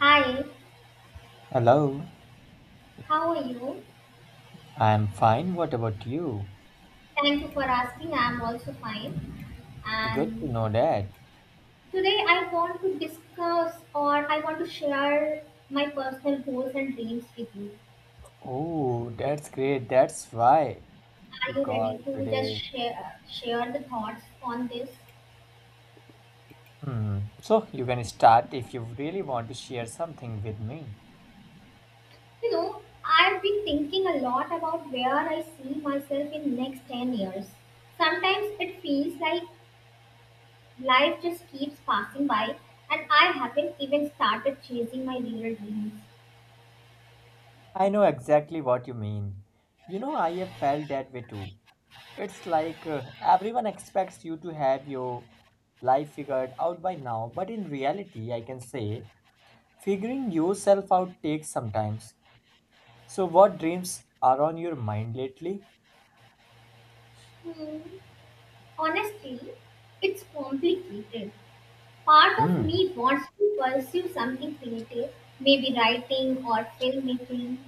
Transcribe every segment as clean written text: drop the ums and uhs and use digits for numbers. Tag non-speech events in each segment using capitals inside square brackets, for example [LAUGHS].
Hi, Hello, how are you? I'm fine. What about you? Thank you for asking. I'm also fine. Good to And know that. today I want to discuss or I want to share my personal goals and dreams with you. Oh, that's great. That's why you Are you ready called to just today. share the thoughts on this? Hmm. So you can start if you really want to share something with me. You know, I've been thinking a lot about where I see myself in next 10 years. Sometimes it feels like life just keeps passing by and I haven't even started chasing my real dreams. I know exactly what you mean. You know, I have felt that way too. It's like everyone expects you to have your life figured out by now, but in reality, I can say figuring yourself out takes some time. So, what dreams are on your mind lately? Hmm. Honestly, it's complicated. Part of Hmm. me wants to pursue something creative, maybe writing or filmmaking.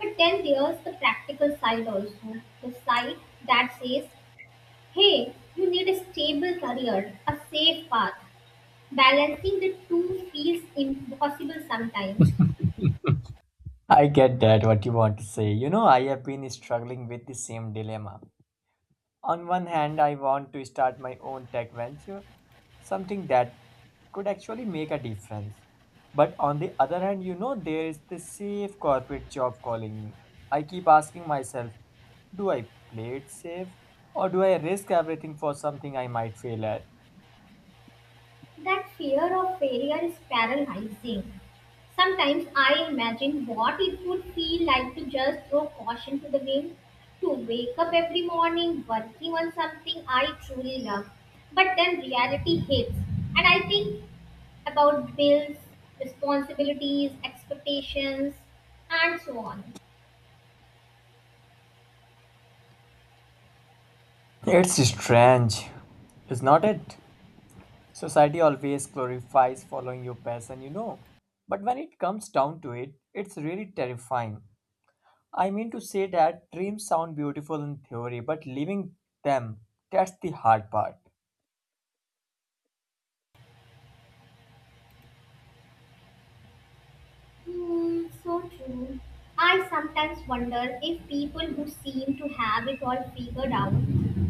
But then there's the practical side also, the side that says, hey, you need a stable career, a safe path. Balancing the two feels impossible sometimes. I get that, what you want to say. You know, I have been struggling with the same dilemma. On one hand, I want to start my own tech venture, something that could actually make a difference. But on the other hand, you know, there is this safe corporate job calling me. I keep asking myself, do I play it safe or do I risk everything for something I might fail at? That fear of failure is paralyzing. Sometimes I imagine what it would feel like to just throw caution to the wind, to wake up every morning working on something I truly love. But then reality hits, and I think about bills, responsibilities, expectations, and so on. It's strange, is not it? Society always glorifies following your passion, you know. But when it comes down to it, it's really terrifying. I mean to say that dreams sound beautiful in theory, but living them, that's the hard part. Hmm, so true. I sometimes wonder if people who seem to have it all figured out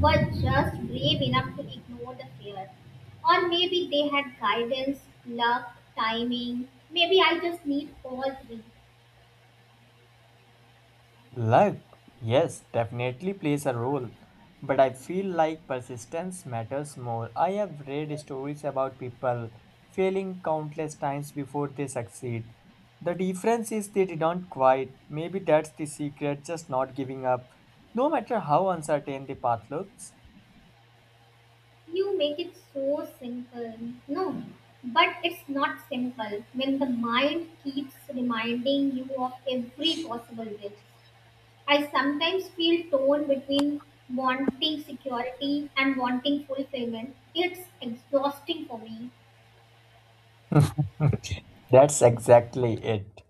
were just brave enough to ignore the fear. Or maybe they had guidance, luck, timing. Maybe I just need all three. Luck, yes, definitely plays a role, but I feel like persistence matters more. I have read stories about people failing countless times before they succeed. The difference is they didn't quit. Maybe that's the secret, just not giving up, no matter how uncertain the path looks. You make it so simple. No, but it's not simple when the mind keeps reminding you of every possible risk. I sometimes feel torn between wanting security and wanting fulfillment. It's exhausting for me. [LAUGHS] That's exactly it.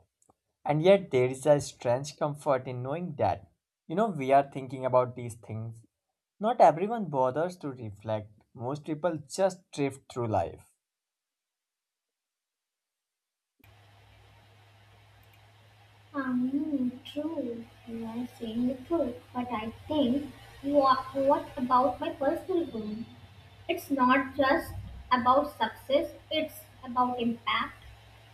And yet, there is a strange comfort in knowing that, you know, we are thinking about these things. Not everyone bothers to reflect. Most people just drift through life. True, you are saying the truth, but I think what about my personal growth? It's not just about success, it's about impact.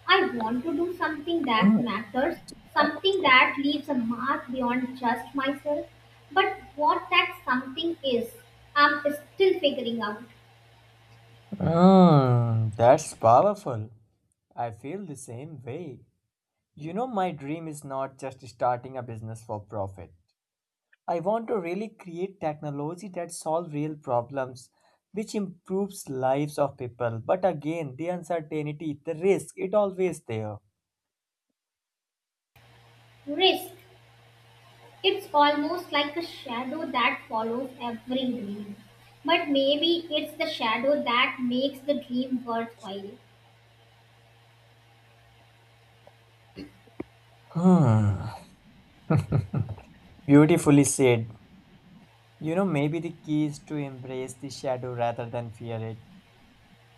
I want to do something that Mm. matters, something that leaves a mark beyond just myself. But what that something is, I'm still figuring out. Mm, that's powerful. I feel the same way. You know, my dream is not just starting a business for profit. I want to really create technology that solves real problems, which improves lives of people. But again, the uncertainty, the risk, it always there. Risk. It's almost like a shadow that follows every dream. But maybe it's the shadow that makes the dream worthwhile. Hmm. Beautifully said. You know, maybe the key is to embrace the shadow rather than fear it.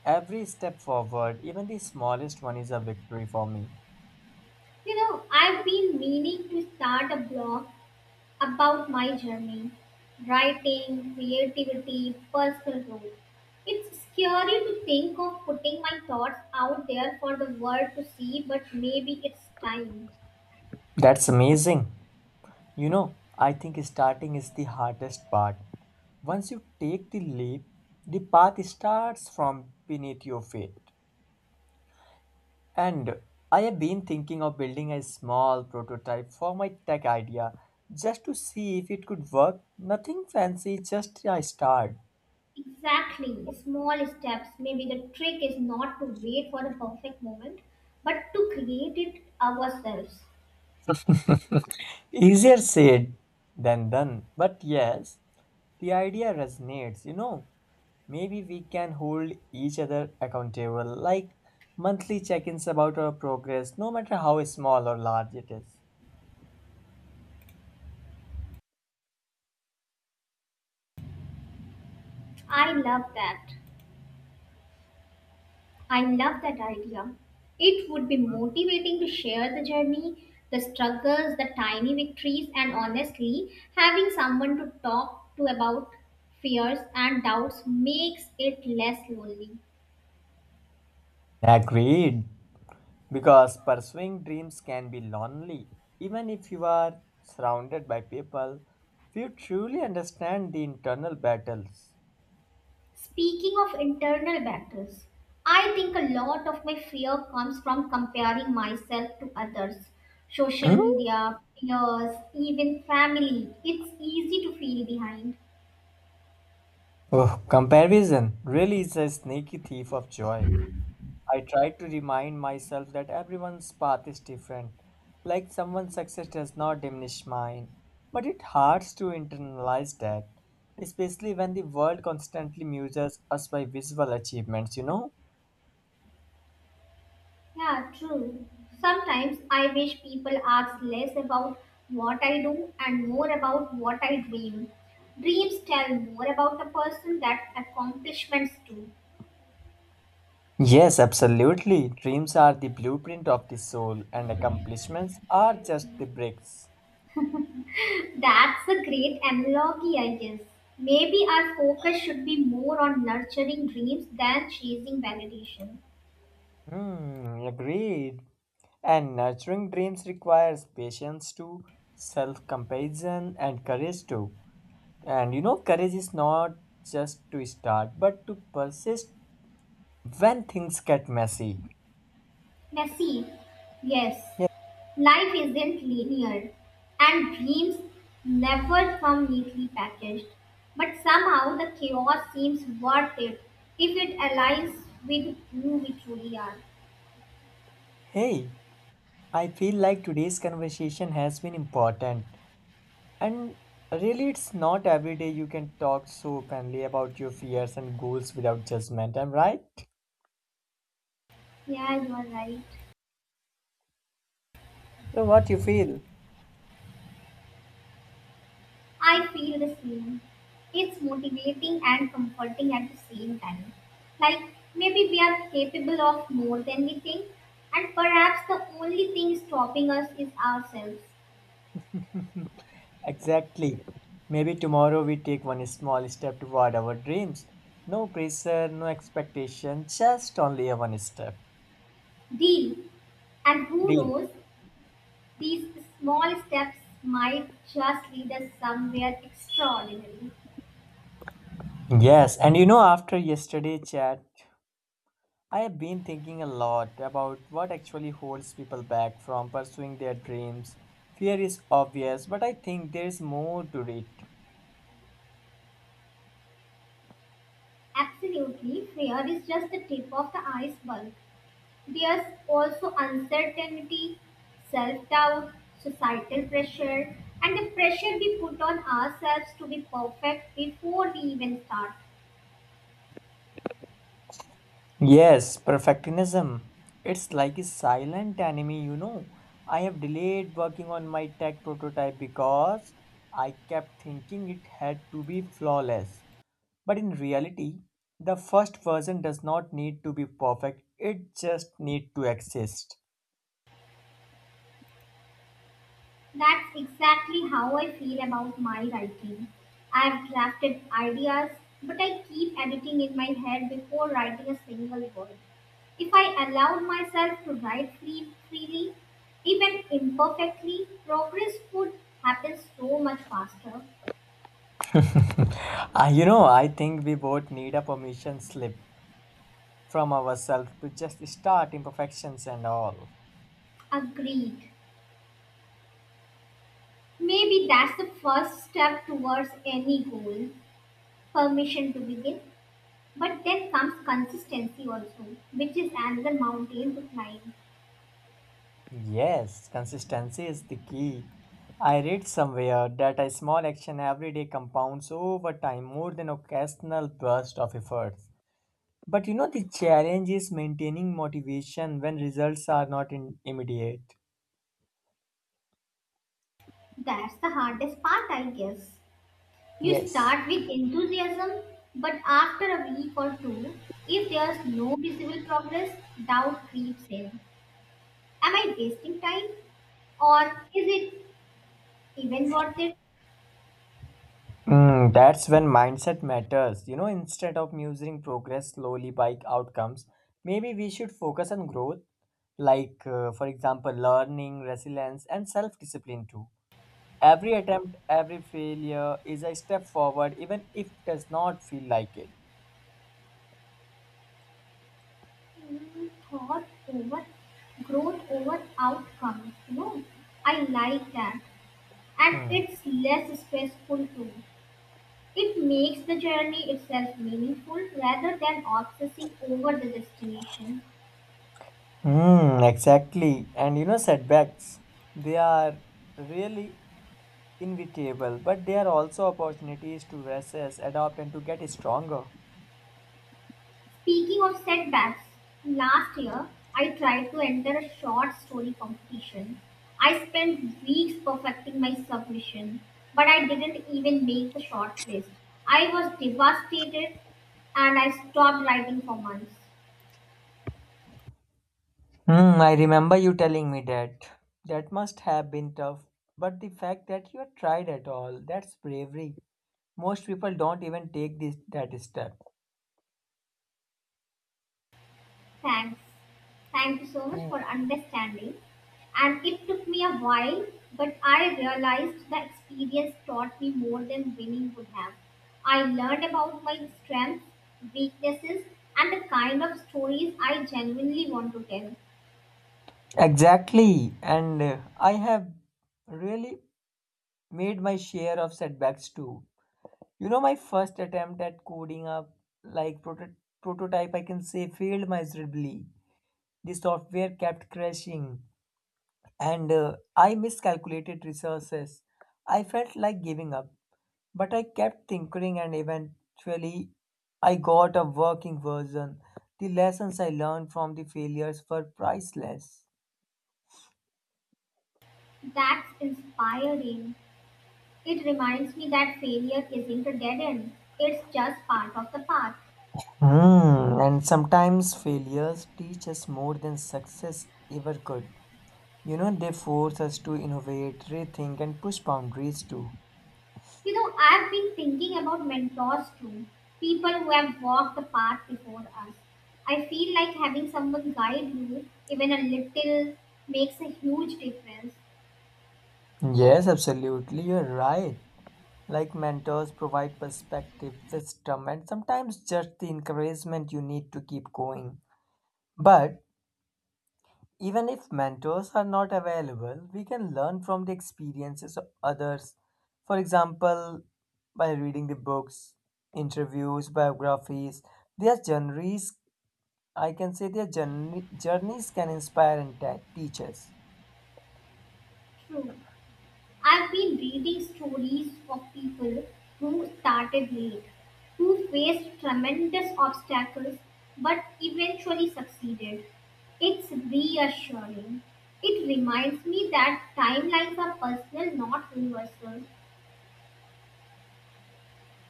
Every step forward, even the smallest one, is a victory for me. You know, I've been meaning to start a blog about my journey writing, creativity, personal growth. It's scary to think of putting my thoughts out there for the world to see, but maybe it's time. That's amazing. You know, I think starting is the hardest part. Once you take the leap, the path starts from beneath your feet. And I have been thinking of building a small prototype for my tech idea just to see if it could work. Nothing fancy, just a start. Exactly. Small steps. Maybe the trick is not to wait for the perfect moment, but to create it ourselves. Easier said than done, but yes, the idea resonates. You know, maybe we can hold each other accountable, like monthly check ins about our progress, no matter how small or large it is. I love that. I love that idea. It would be motivating to share the journey, the struggles, the tiny victories, and honestly, having someone to talk to about fears and doubts makes it less lonely. Agreed, because pursuing dreams can be lonely. Even if you are surrounded by people, you truly understand the internal battles. Speaking of internal battles, I think a lot of my fear comes from comparing myself to others. Social Hmm? media, peers, even family. It's easy to feel behind. Oh, comparison really is a sneaky thief of joy. I try to remind myself that everyone's path is different. Like someone's success does not diminish mine. But it hurts to internalize that, especially when the world constantly measures us by visual achievements, you know? Yeah, true. Sometimes I wish people ask less about what I do and more about what I dream. Dreams tell more about a person than accomplishments do. Yes, absolutely. Dreams are the blueprint of the soul, and accomplishments are just the bricks. That's a great analogy, I guess. Maybe our focus should be more on nurturing dreams than chasing validation. Hmm, agreed. And nurturing dreams requires patience too, self compassion, and courage too. And you know, courage is not just to start, but to persist when things get messy. Messy, yes. Yeah. Life isn't linear, and dreams never come neatly packaged. But somehow the chaos seems worth it if it aligns with who we truly are. Hey, I feel like today's conversation has been important. And really, it's not every day you can talk so openly about your fears and goals without judgment. I'm right? Yeah, you are right. So, what you feel? I feel the same. It's motivating and comforting at the same time. Like maybe we are capable of more than we think, and perhaps the only thing stopping us is ourselves. Exactly. Maybe tomorrow we take one small step toward our dreams. No pressure, no expectation, just only a one step. Deal. And who Deal. knows, these small steps might just lead us somewhere extraordinary. Yes, and you know, after yesterday chat, I have been thinking a lot about what actually holds people back from pursuing their dreams. Fear is obvious, but I think there is more to it. Absolutely, fear is just the tip of the iceberg. There's also uncertainty, self doubt, societal pressure, and the pressure we put on ourselves to be perfect before we even start. Yes, perfectionism. It's like a silent enemy, you know. I have delayed working on my tech prototype because I kept thinking it had to be flawless. But in reality, the first version does not need to be perfect, it just needs to exist. That's exactly how I feel about my writing. I've drafted ideas, but I keep editing in my head before writing a single word. If I allowed myself to write freely, even imperfectly, progress would happen so much faster. [LAUGHS] Ah, you know, I think we both need a permission slip from ourselves to just start imperfections and all. Agreed. Maybe that's the first step towards any goal, permission to begin. But then comes consistency also, which is another mountain to climb. Yes, consistency is the key. I read somewhere that a small action every day compounds over time more than occasional burst of efforts. But you know, the challenge is maintaining motivation when results are not immediate. That's the hardest part, I guess. You Yes. start with enthusiasm, but after a week or two, if there's no visible progress, doubt creeps in. Am I wasting time? Or is it even worth it? Hmm. That's when mindset matters. You know, instead of measuring progress slowly by outcomes, maybe we should focus on growth, like, for example, learning, resilience, and self discipline too. Every attempt, every failure is a step forward, even if it does not feel like it. Mm, thought over growth over outcomes. You know, I like that. And Hmm. it's less stressful too. It makes the journey itself meaningful rather than obsessing over the destination. Hmm, exactly. And you know, setbacks, they are really inevitable, but they are also opportunities to recess, adapt, and to get stronger. Speaking of setbacks, last year I tried to enter a short story competition. I spent weeks perfecting my submission, but I didn't even make the short list. I was devastated and I stopped writing for months. Hmm, I remember you telling me that. That must have been tough. But the fact that you tried at all, that's bravery. Most people don't even take this that step. Thanks. Thank you so much for understanding. And it took me a while, but I realized the experience taught me more than winning would have. I learned about my strengths, weaknesses, and the kind of stories I genuinely want to tell. Exactly. And I have really made my share of setbacks too. You know, my first attempt at coding up, like prototype, I can say, failed miserably. The software kept crashing, and I miscalculated resources. I felt like giving up. But I kept tinkering and eventually I got a working version. The lessons I learned from the failures were priceless. That's inspiring. It reminds me that failure isn't a dead end, it's just part of the path. Hmm, and sometimes failures teach us more than success ever could. You know, they force us to innovate, rethink, and push boundaries too. You know, I've been thinking about mentors too, people who have walked the path before us. I feel like having someone guide you, even a little, makes a huge difference. Yes, absolutely, you're right. Like mentors provide perspective, wisdom, and sometimes just the encouragement you need to keep going. But even if mentors are not available, we can learn from the experiences of others. For example, by reading the books, interviews, biographies, their journeys, I can say their journeys can inspire and teach us. True. I've been reading stories of people who started late, who faced tremendous obstacles but eventually succeeded. It's reassuring. It reminds me that timelines are personal, not universal.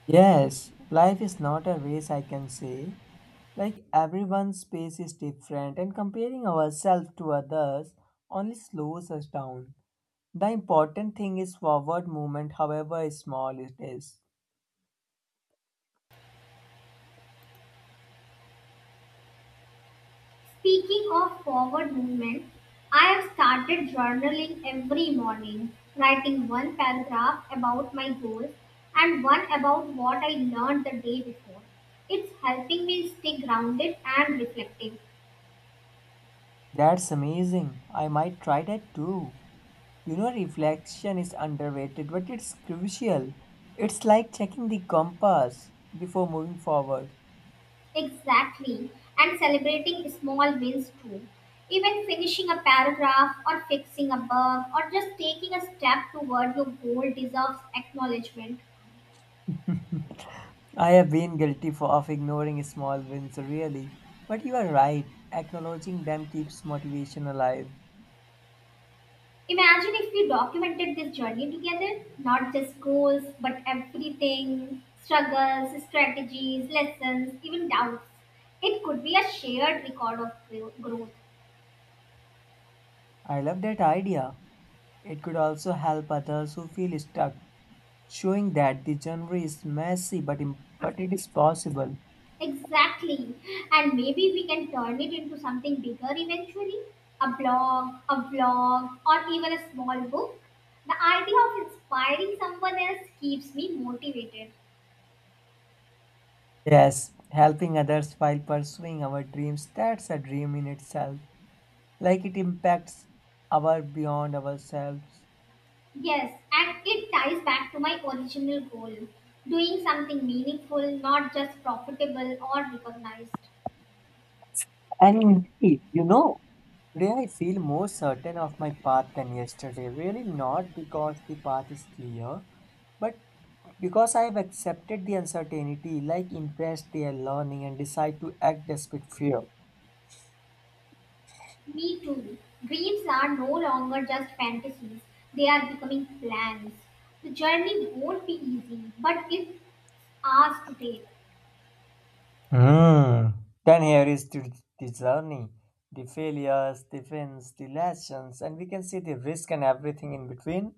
Yes, life is not a race, I can say. Like everyone's pace is different, and comparing ourselves to others only slows us down. The important thing is forward movement, however small it is. Speaking of forward movement, I have started journaling every morning, writing one paragraph about my goals and one about what I learned the day before. It's helping me stay grounded and reflective. That's amazing. I might try that too. You know, reflection is underrated, but it's crucial. It's like checking the compass before moving forward. Exactly. And celebrating small wins too. Even finishing a paragraph or fixing a bug or just taking a step toward your goal deserves acknowledgement. I have been guilty for, of ignoring small wins, really. But you are right. Acknowledging them keeps motivation alive. Imagine if we documented this journey together, not just goals, but everything struggles, strategies, lessons, even doubts. It could be a shared record of growth. I love that idea. It could also help others who feel stuck, showing that the journey is messy, but it is possible. Exactly. And maybe we can turn it into something bigger eventually a blog, a vlog, or even a small book. The idea of inspiring someone else keeps me motivated. Yes, helping others while pursuing our dreams, that's a dream in itself. Like it impacts our beyond ourselves. Yes, and it ties back to my original goal doing something meaningful, not just profitable or recognized. And indeed, you know, today I feel more certain of my path than yesterday. Really not because the path is clear, but because I have accepted the uncertainty, like embraced their learning and decide to act despite fear. Me too. Dreams are no longer just fantasies, they are becoming plans. The journey won't be easy, but it's ours to take. Hmm. Then here is to the journey, the failures, the wins, the lessons, and we can see the risk and everything in between.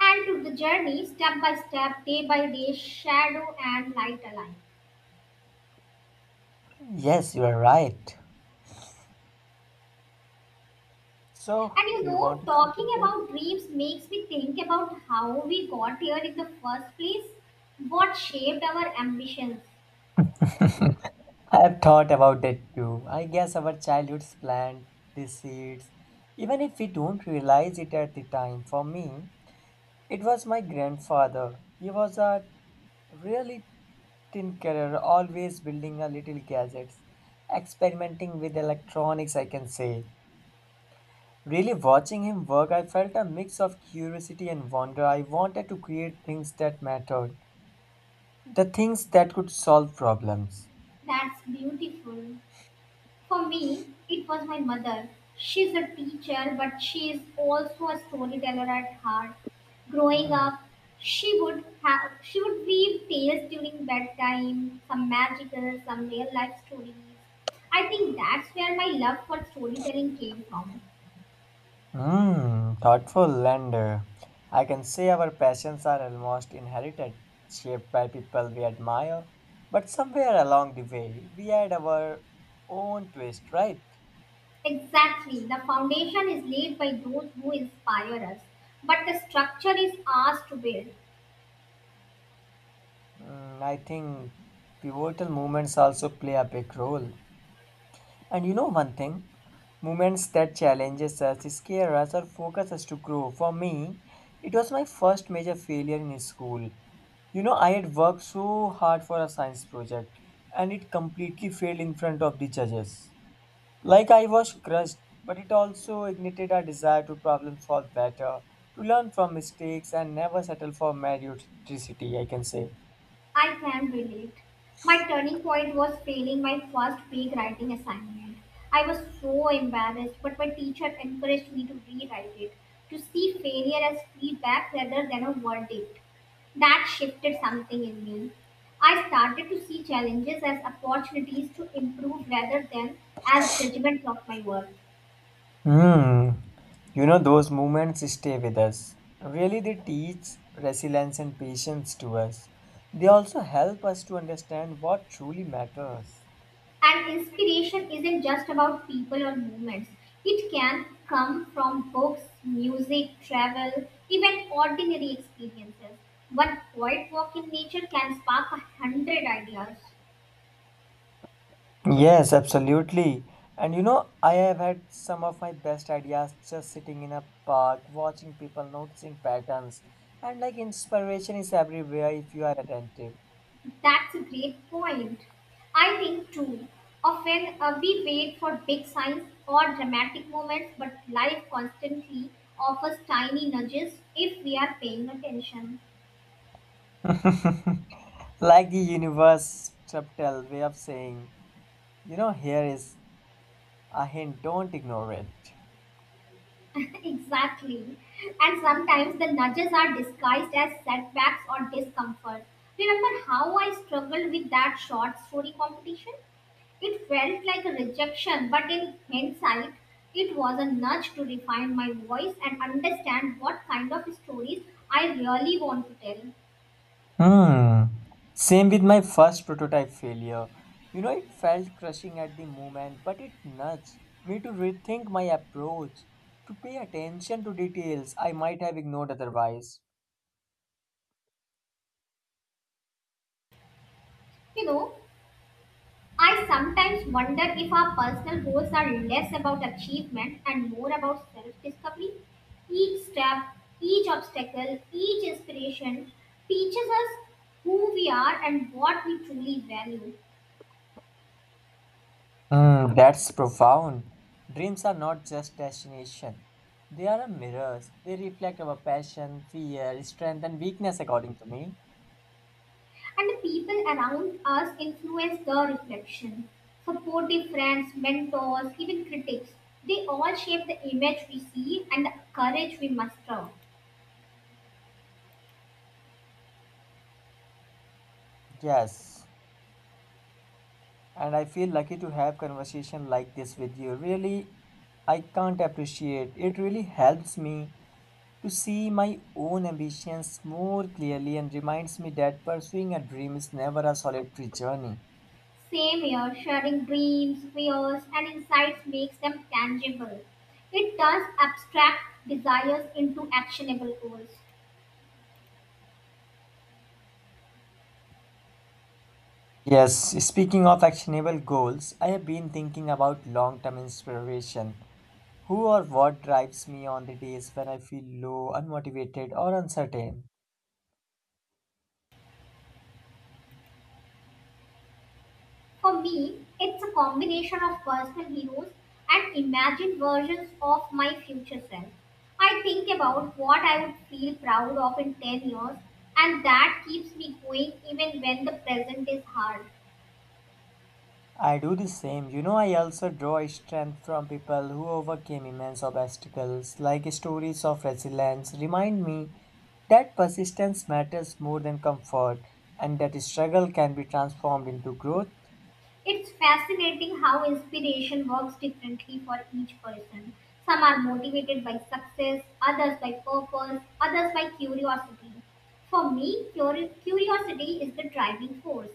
And to the journey, step by step, day by day, shadow and light align. Yes, you are right. So, And you do you know, want to say talking something? about dreams makes me think about how we got here in the first place, what shaped our ambitions. I have thought about it too. I guess our childhoods plant the seeds, even if we don't realize it at the time. For me, it was my grandfather. He was a really tinkerer, always building a little gadgets, experimenting with electronics, I can say. Really watching him work I felt a mix of curiosity and wonder. I wanted to create things that mattered, the things that could solve problems. That's beautiful. For me, it was my mother. She's a teacher, but she is also a storyteller at heart. Growing up, she would weave tales during bedtime, some magical, some real life stories. I think that's where my love for storytelling came from. Hmm, thoughtful and I can say our passions are almost inherited, shaped by people we admire, but somewhere along the way we add our own twist, right? Exactly. The foundation is laid by those who inspire us, but the structure is ours to build. Mm, I think pivotal moments also play a big role. And you know one thing, moments that challenges us, scare us, or focus us to grow. For me, it was my first major failure in school. You know, I had worked so hard for a science project, and it completely failed in front of the judges. Like I was crushed, but it also ignited a desire to problem solve better, to learn from mistakes, and never settle for mediocrity. I can say. I can relate. My turning point was failing my first big writing assignment. I was so embarrassed, but my teacher encouraged me to rewrite it, to see failure as feedback rather than a verdict. That shifted something in me. I started to see challenges as opportunities to improve rather than as judgments of my work. Hmm. You know, those moments stay with us. Really, they teach resilience and patience to us. They also help us to understand what truly matters. And inspiration isn't just about people or movements. It can come from books, music, travel, even ordinary experiences. One quiet walk in nature can spark 100 ideas. Yes, absolutely. And you know, I have had some of my best ideas just sitting in a park, watching people, noticing patterns. And like inspiration is everywhere if you are attentive. That's a great point. I think too, often we wait for big signs or dramatic moments, but life constantly offers tiny nudges if we are paying attention. [LAUGHS] Like the universe subtle way of saying, you know, here is a hint, don't ignore it. [LAUGHS] Exactly. And sometimes the nudges are disguised as setbacks or discomfort. Remember how I struggled with that short story competition? It felt like a rejection, but in hindsight, it was a nudge to refine my voice and understand what kind of stories I really want to tell. Hmm. Same with my first prototype failure. You know, it felt crushing at the moment, but it nudged me to rethink my approach, to pay attention to details I might have ignored otherwise. You know, I sometimes wonder if our personal goals are less about achievement and more about self discovery. Each step, each obstacle, each inspiration teaches us who we are and what we truly value. Hmm, that's profound. Dreams are not just destination. They are a mirrors. They reflect our passion, fear, strength, and weakness according to me. And the people around us influence the reflection. Supportive friends, mentors, even critics, they all shape the image we see and the courage we muster. Yes, and I feel lucky to have conversation like this with you. Really, I can't appreciate. It really helps me to see my own ambitions more clearly and reminds me that pursuing a dream is never a solitary journey. Same here, sharing dreams, fears, and insights makes them tangible. It turns abstract desires into actionable goals. Yes, speaking of actionable goals, I have been thinking about long-term inspiration. Who or what drives me on the days when I feel low, unmotivated, or uncertain? For me, it's a combination of personal heroes and imagined versions of my future self. I think about what I would feel proud of in 10 years, and that keeps me going even when the present is hard. I do the same. You know, I also draw strength from people who overcame immense obstacles, like stories of resilience remind me that persistence matters more than comfort and that struggle can be transformed into growth. It's fascinating how inspiration works differently for each person. Some are motivated by success, others by purpose, others by curiosity. For me, curiosity is the driving force.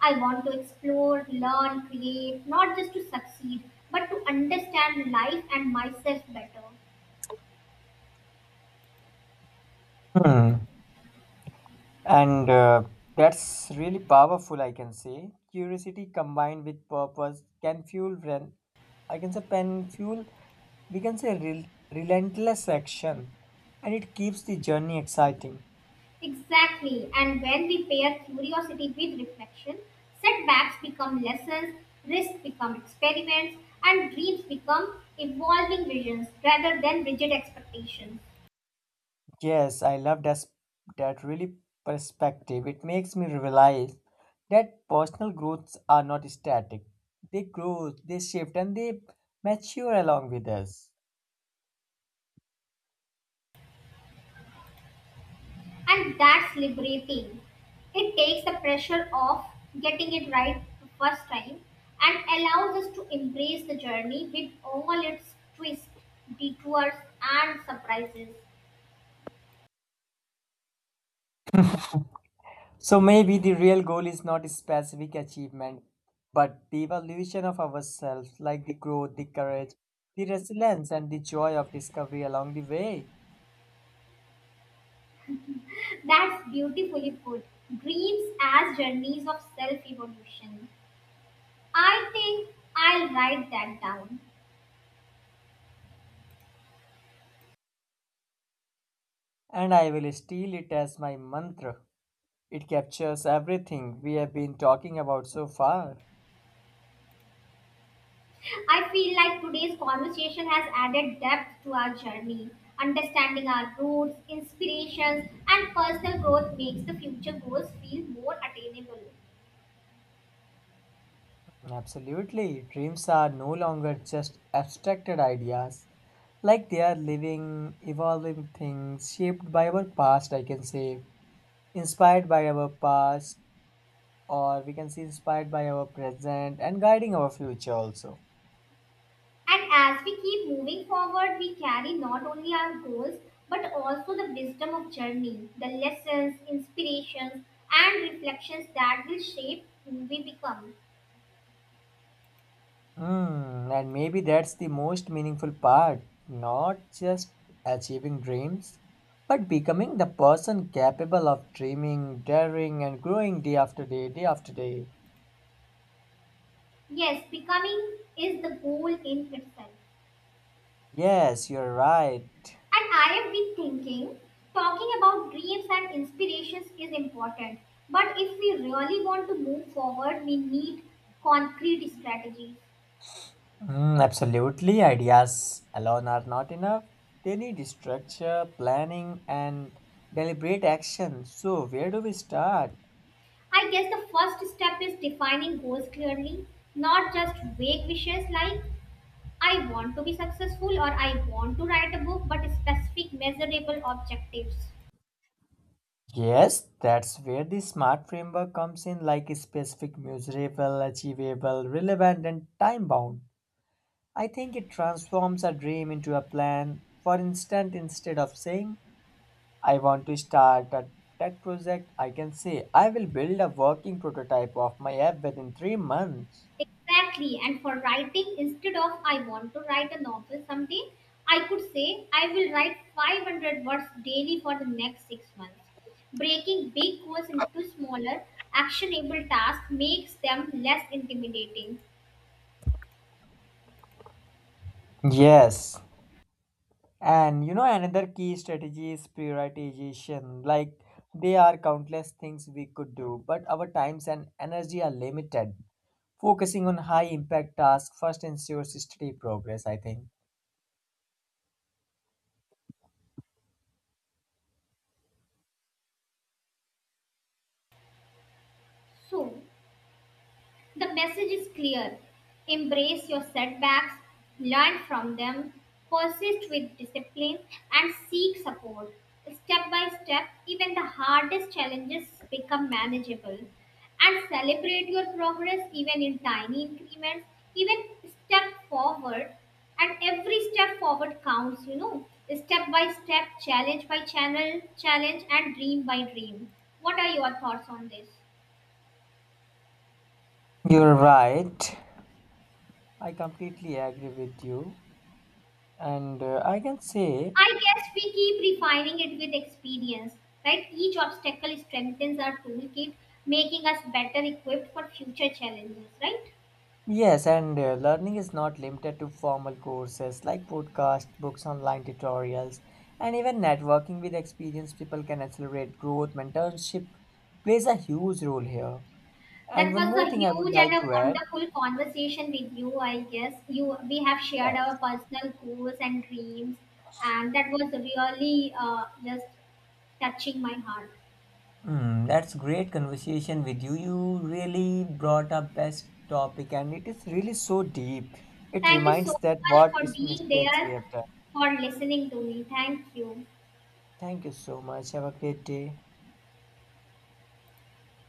I want to explore, learn, create, not just to succeed, but to understand life and myself better. Hmm. And that's really powerful, I can say. Curiosity combined with purpose can fuel, I can say, pen fuel, we can say, relentless action, and it keeps the journey exciting. Exactly, and when we pair curiosity with reflection, setbacks become lessons, risks become experiments, and dreams become evolving visions rather than rigid expectations. Yes, I love that, that really perspective. It makes me realize that personal growths are not static. They grow, they shift, and they mature along with us. And that's liberating. It takes the pressure off getting it right the first time and allows us to embrace the journey with all its twists, detours, and surprises. So maybe the real goal is not a specific achievement, but the evolution of ourselves, like the growth, the courage, the resilience, and the joy of discovery along the way. That's beautifully put. Dreams as journeys of self evolution. I think I'll write that down. And I will steal it as my mantra. It captures everything we have been talking about so far. I feel like today's conversation has added depth to our journey. Understanding our roots, inspirations, and personal growth makes the future goals feel more attainable. Absolutely. Dreams are no longer just abstracted ideas. Like they are living, evolving things shaped by our past, I can say. Inspired by our past, or we can say inspired by our present and guiding our future also. And as we keep moving forward, we carry not only our goals but also the wisdom of journey, the lessons, inspirations, and reflections that will shape who we become. Hmm, and maybe that's the most meaningful part. Not just achieving dreams, but becoming the person capable of dreaming, daring, and growing day after day, day after day. Yes, becoming is the goal in itself. Yes, you're right. And I have been thinking, talking about dreams and inspirations is important. But if we really want to move forward, we need concrete strategies. Mm, absolutely. Ideas alone are not enough. They need structure, planning, and deliberate action. So, where do we start? I guess the first step is defining goals clearly, not just vague wishes like, I want to be successful or I want to write a book, but specific, measurable objectives. Yes, that's where the SMART framework comes in, like specific, measurable, achievable, relevant, and time bound. I think it transforms a dream into a plan. For instance, instead of saying, I want to start a tech project, I can say, I will build a working prototype of my app within 3 months. Exactly. And for writing, instead of I want to write a novel someday, I could say I will write 500 words daily for the next 6 months. Breaking big goals into smaller, actionable tasks makes them less intimidating. Yes, and you know, another key strategy is prioritization. Like, there are countless things we could do, but our times and energy are limited. Focusing on high impact tasks first ensures steady progress, I think. So, the message is clear embrace your setbacks, learn from them, persist with discipline, and seek support. Step by step, even the hardest challenges become manageable. And celebrate your progress even in tiny increments, even step forward. And every step forward counts, you know. Step by step, challenge by challenge, and dream by dream. What are your thoughts on this? You're right. I completely agree with you. And I can say I guess we keep refining it with experience, right? Each obstacle strengthens our toolkit, making us better equipped for future challenges, right? yes, and learning is not limited to formal courses like podcasts, books, online tutorials, and even networking with experienced people can accelerate growth. Mentorship plays a huge role here. And That one was more a thing I would huge and like a to add, wonderful conversation with you, I guess. You we have shared our yes. personal goals and dreams, and that was really just touching my heart. Mm, that's great conversation with you. You really brought up best topic and it is really so deep. It Thank you so reminds that much what for is being mistakes we there, have done. for listening to me. Thank you. Thank you so much. Have a great day.